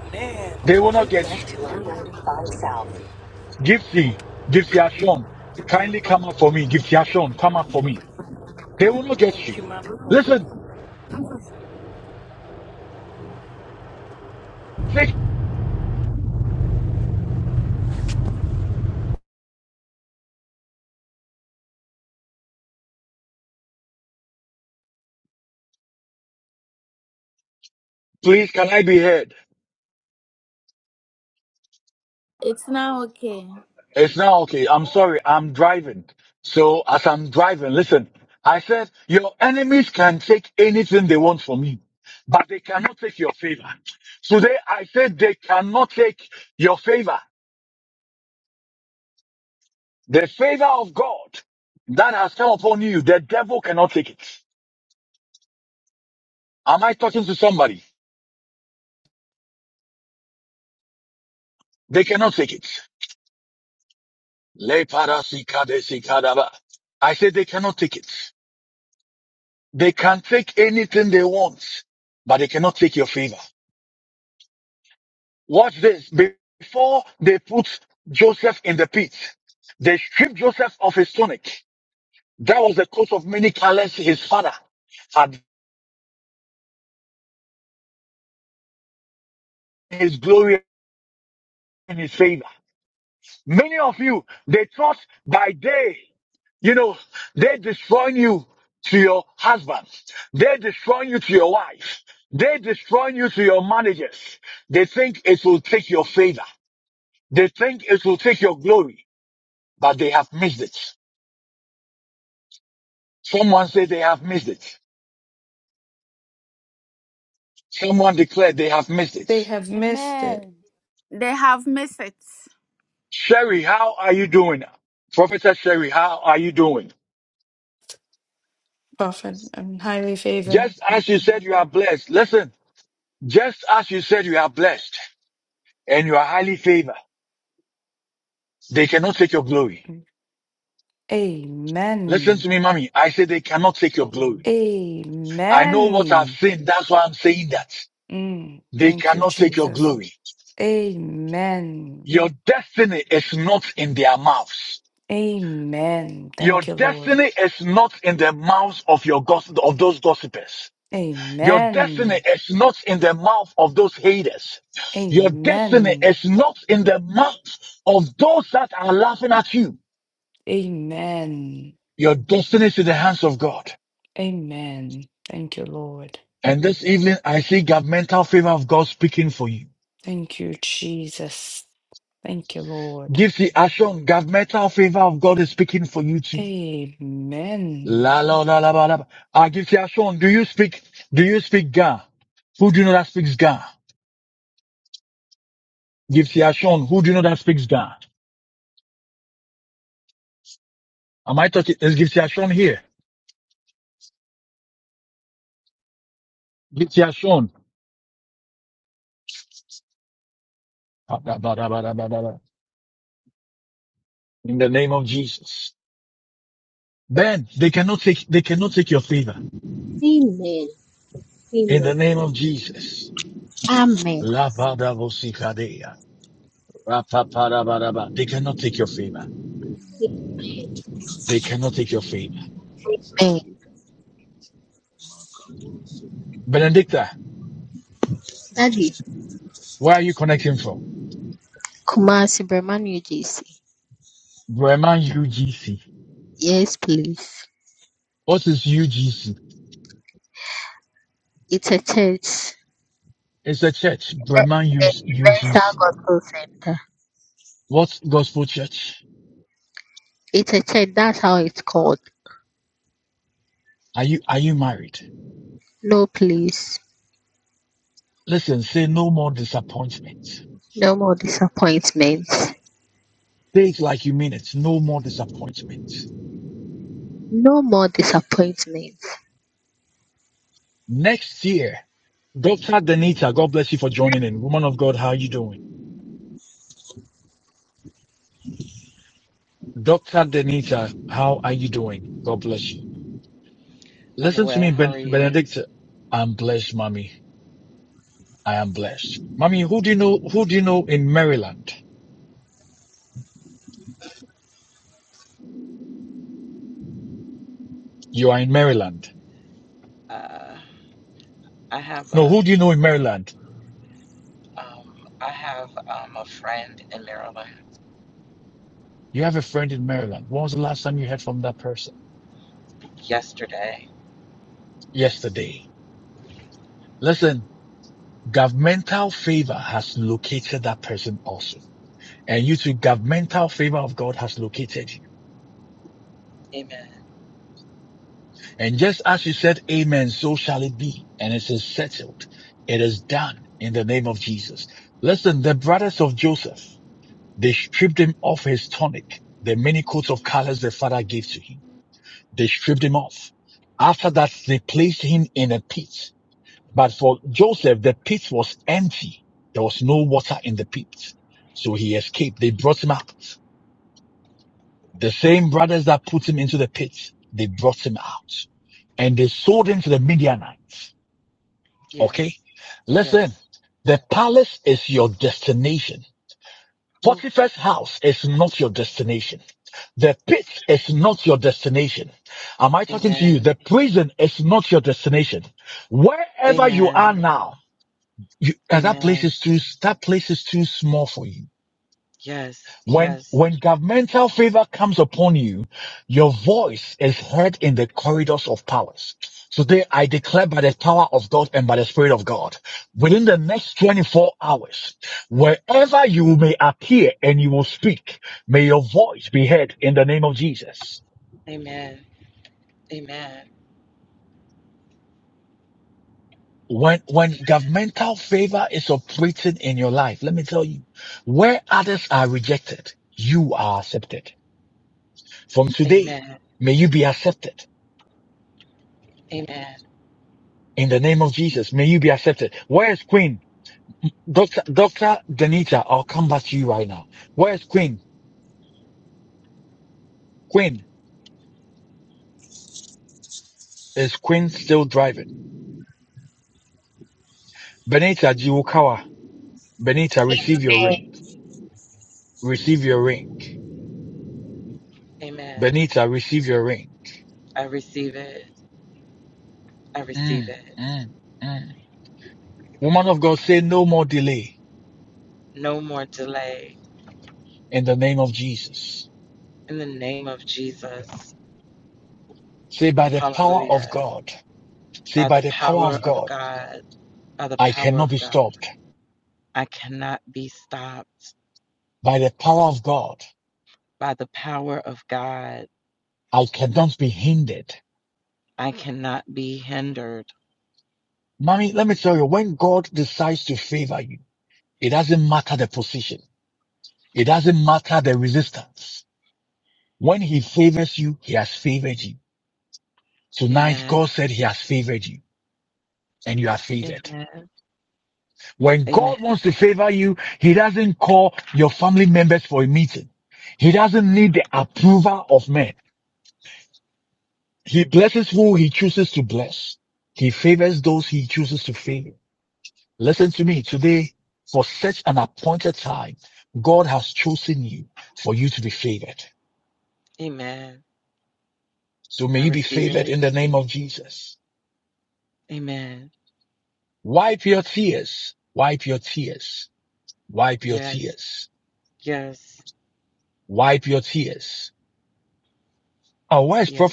[SPEAKER 4] Amen. Take left to I-95 south. Thank you, Mama.
[SPEAKER 3] It's now okay.
[SPEAKER 15] They have missed it,
[SPEAKER 3] Amen. They have missed it.
[SPEAKER 15] prophet, and highly favored. Amen. Amen. Mm, thank you, Jesus. Amen. Amen. Thank you, Lord. Amen. Amen. Amen. Amen. Thank you, Lord. Thank you, Jesus. Thank you, Lord. Amen.
[SPEAKER 7] Amen. Amen.
[SPEAKER 2] They cannot take it. In the name of Jesus,
[SPEAKER 7] Amen.
[SPEAKER 2] they cannot take it. Makaboso, they cannot
[SPEAKER 7] Daddy,
[SPEAKER 2] come.
[SPEAKER 7] Kumasi Brahmanu JC. Yes, please. It's a church. Eh, eh, Ebenezer Gospel Center. It's a church. That's how it's called. No, please. No more disappointments. No more disappointments.
[SPEAKER 16] I'm well. How are you? Uh, I have a um, I have um, a friend in Maryland yesterday. Amen. Yes. Yes. Ooh. Amen. Amen. Amen. Yes. Yes. Amen. Amen. Amen. Amen. Amen. Amen. I receive it. I receive it. No more delay. In the name of Jesus. Hallelujah. By the power of God. By the power of God. I cannot be stopped by the power of God. I cannot be hindered. Amen. Amen. Amen. Amen. I receive it. Amen. Yes. Yes. Yes.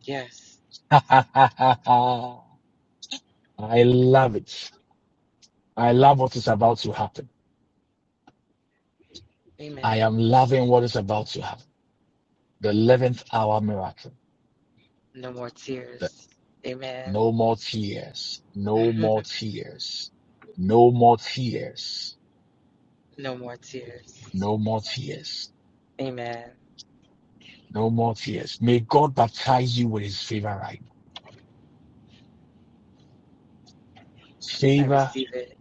[SPEAKER 16] Yes. Amen. No more tears. Amen. no more tears. Amen. I receive it.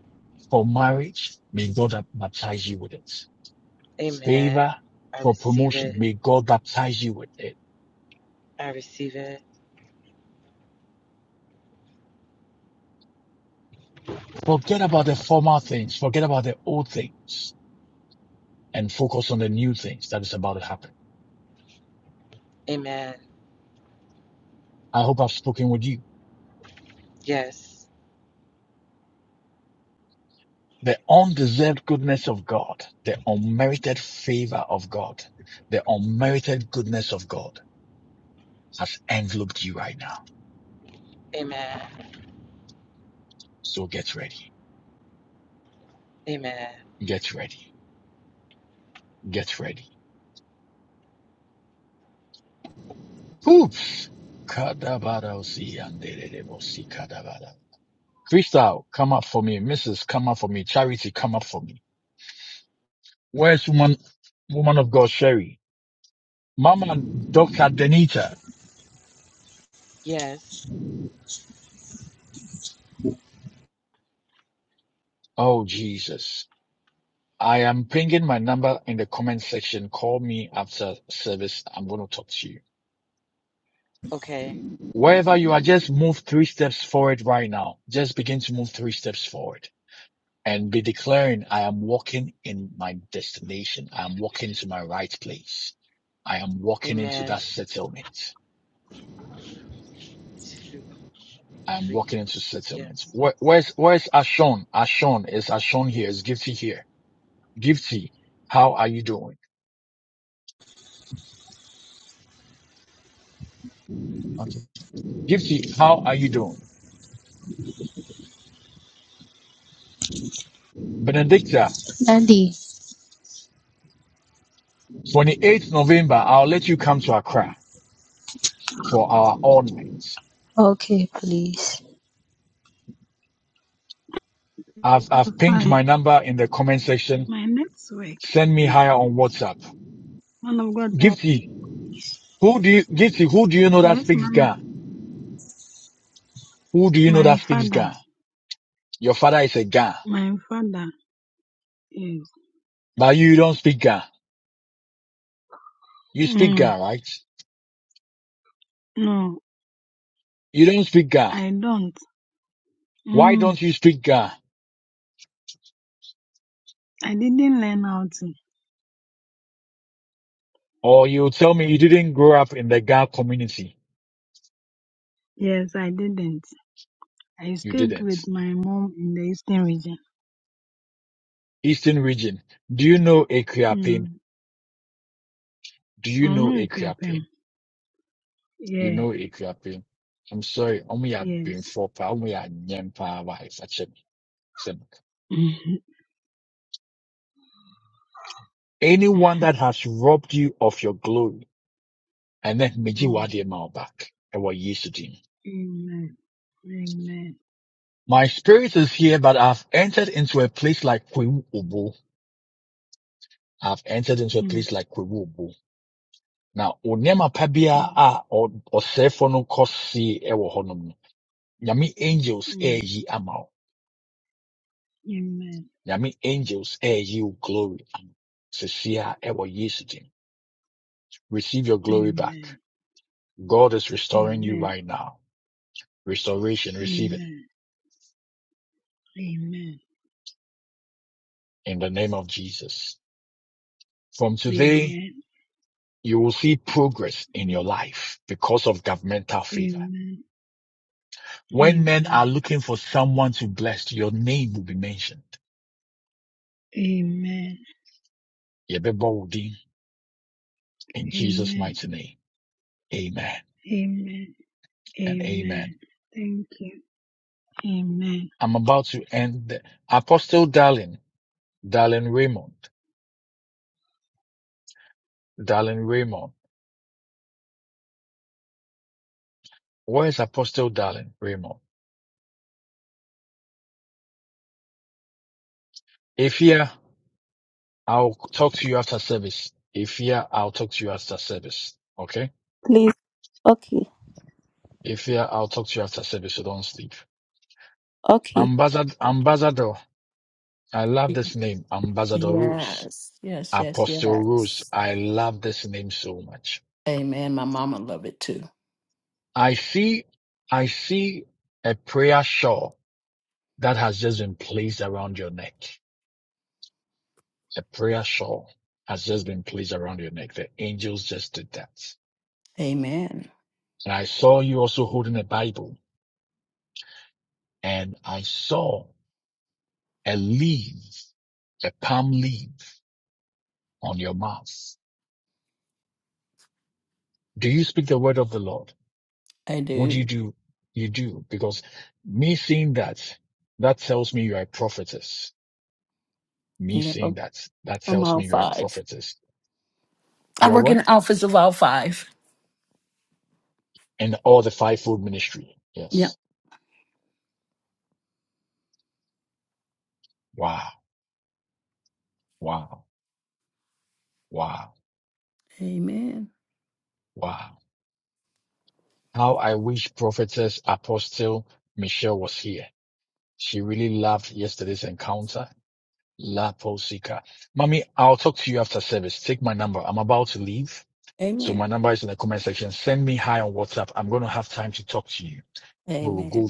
[SPEAKER 16] Amen. I receive it. I receive it. Amen. Yes. Amen. Amen. Yes. Okay. Amen. Two, three. Yes.
[SPEAKER 7] Andy, okay, please.
[SPEAKER 17] i fine. My network. Man of God, please. Yes, man of my father. My father is. Mm, no, I don't. Mm, I didn't learn how to. Yes, I didn't. I stayed with my mom in the eastern region. Mm, I'm not requiring. Yeah, yes. Mhm. mm, amen. Amen. Mm, mm, mm. Amen. Amen. Amen. Amen. Amen. Amen. Amen. Amen. Amen. Amen. Amen. Amen. Thank you. Amen.
[SPEAKER 18] Please, okay, okay.
[SPEAKER 14] Yes, yes, yes, yes. Amen. My mama love it too. Amen. I do. Yep. I'm all five. I work in the office of all five. Yep. Amen. Amen. Amen.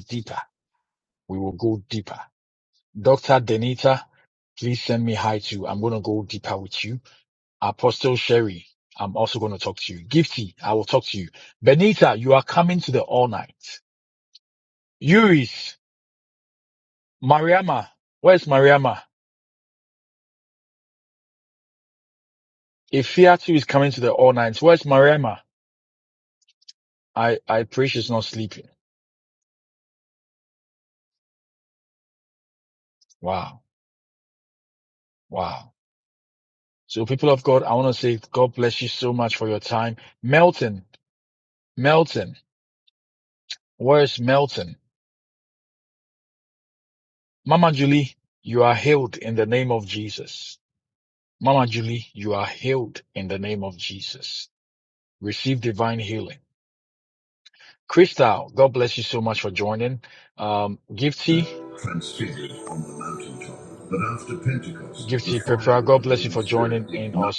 [SPEAKER 19] transfigured on the mountaintop. But after Pentecost, the fire of the Holy Spirit ignited.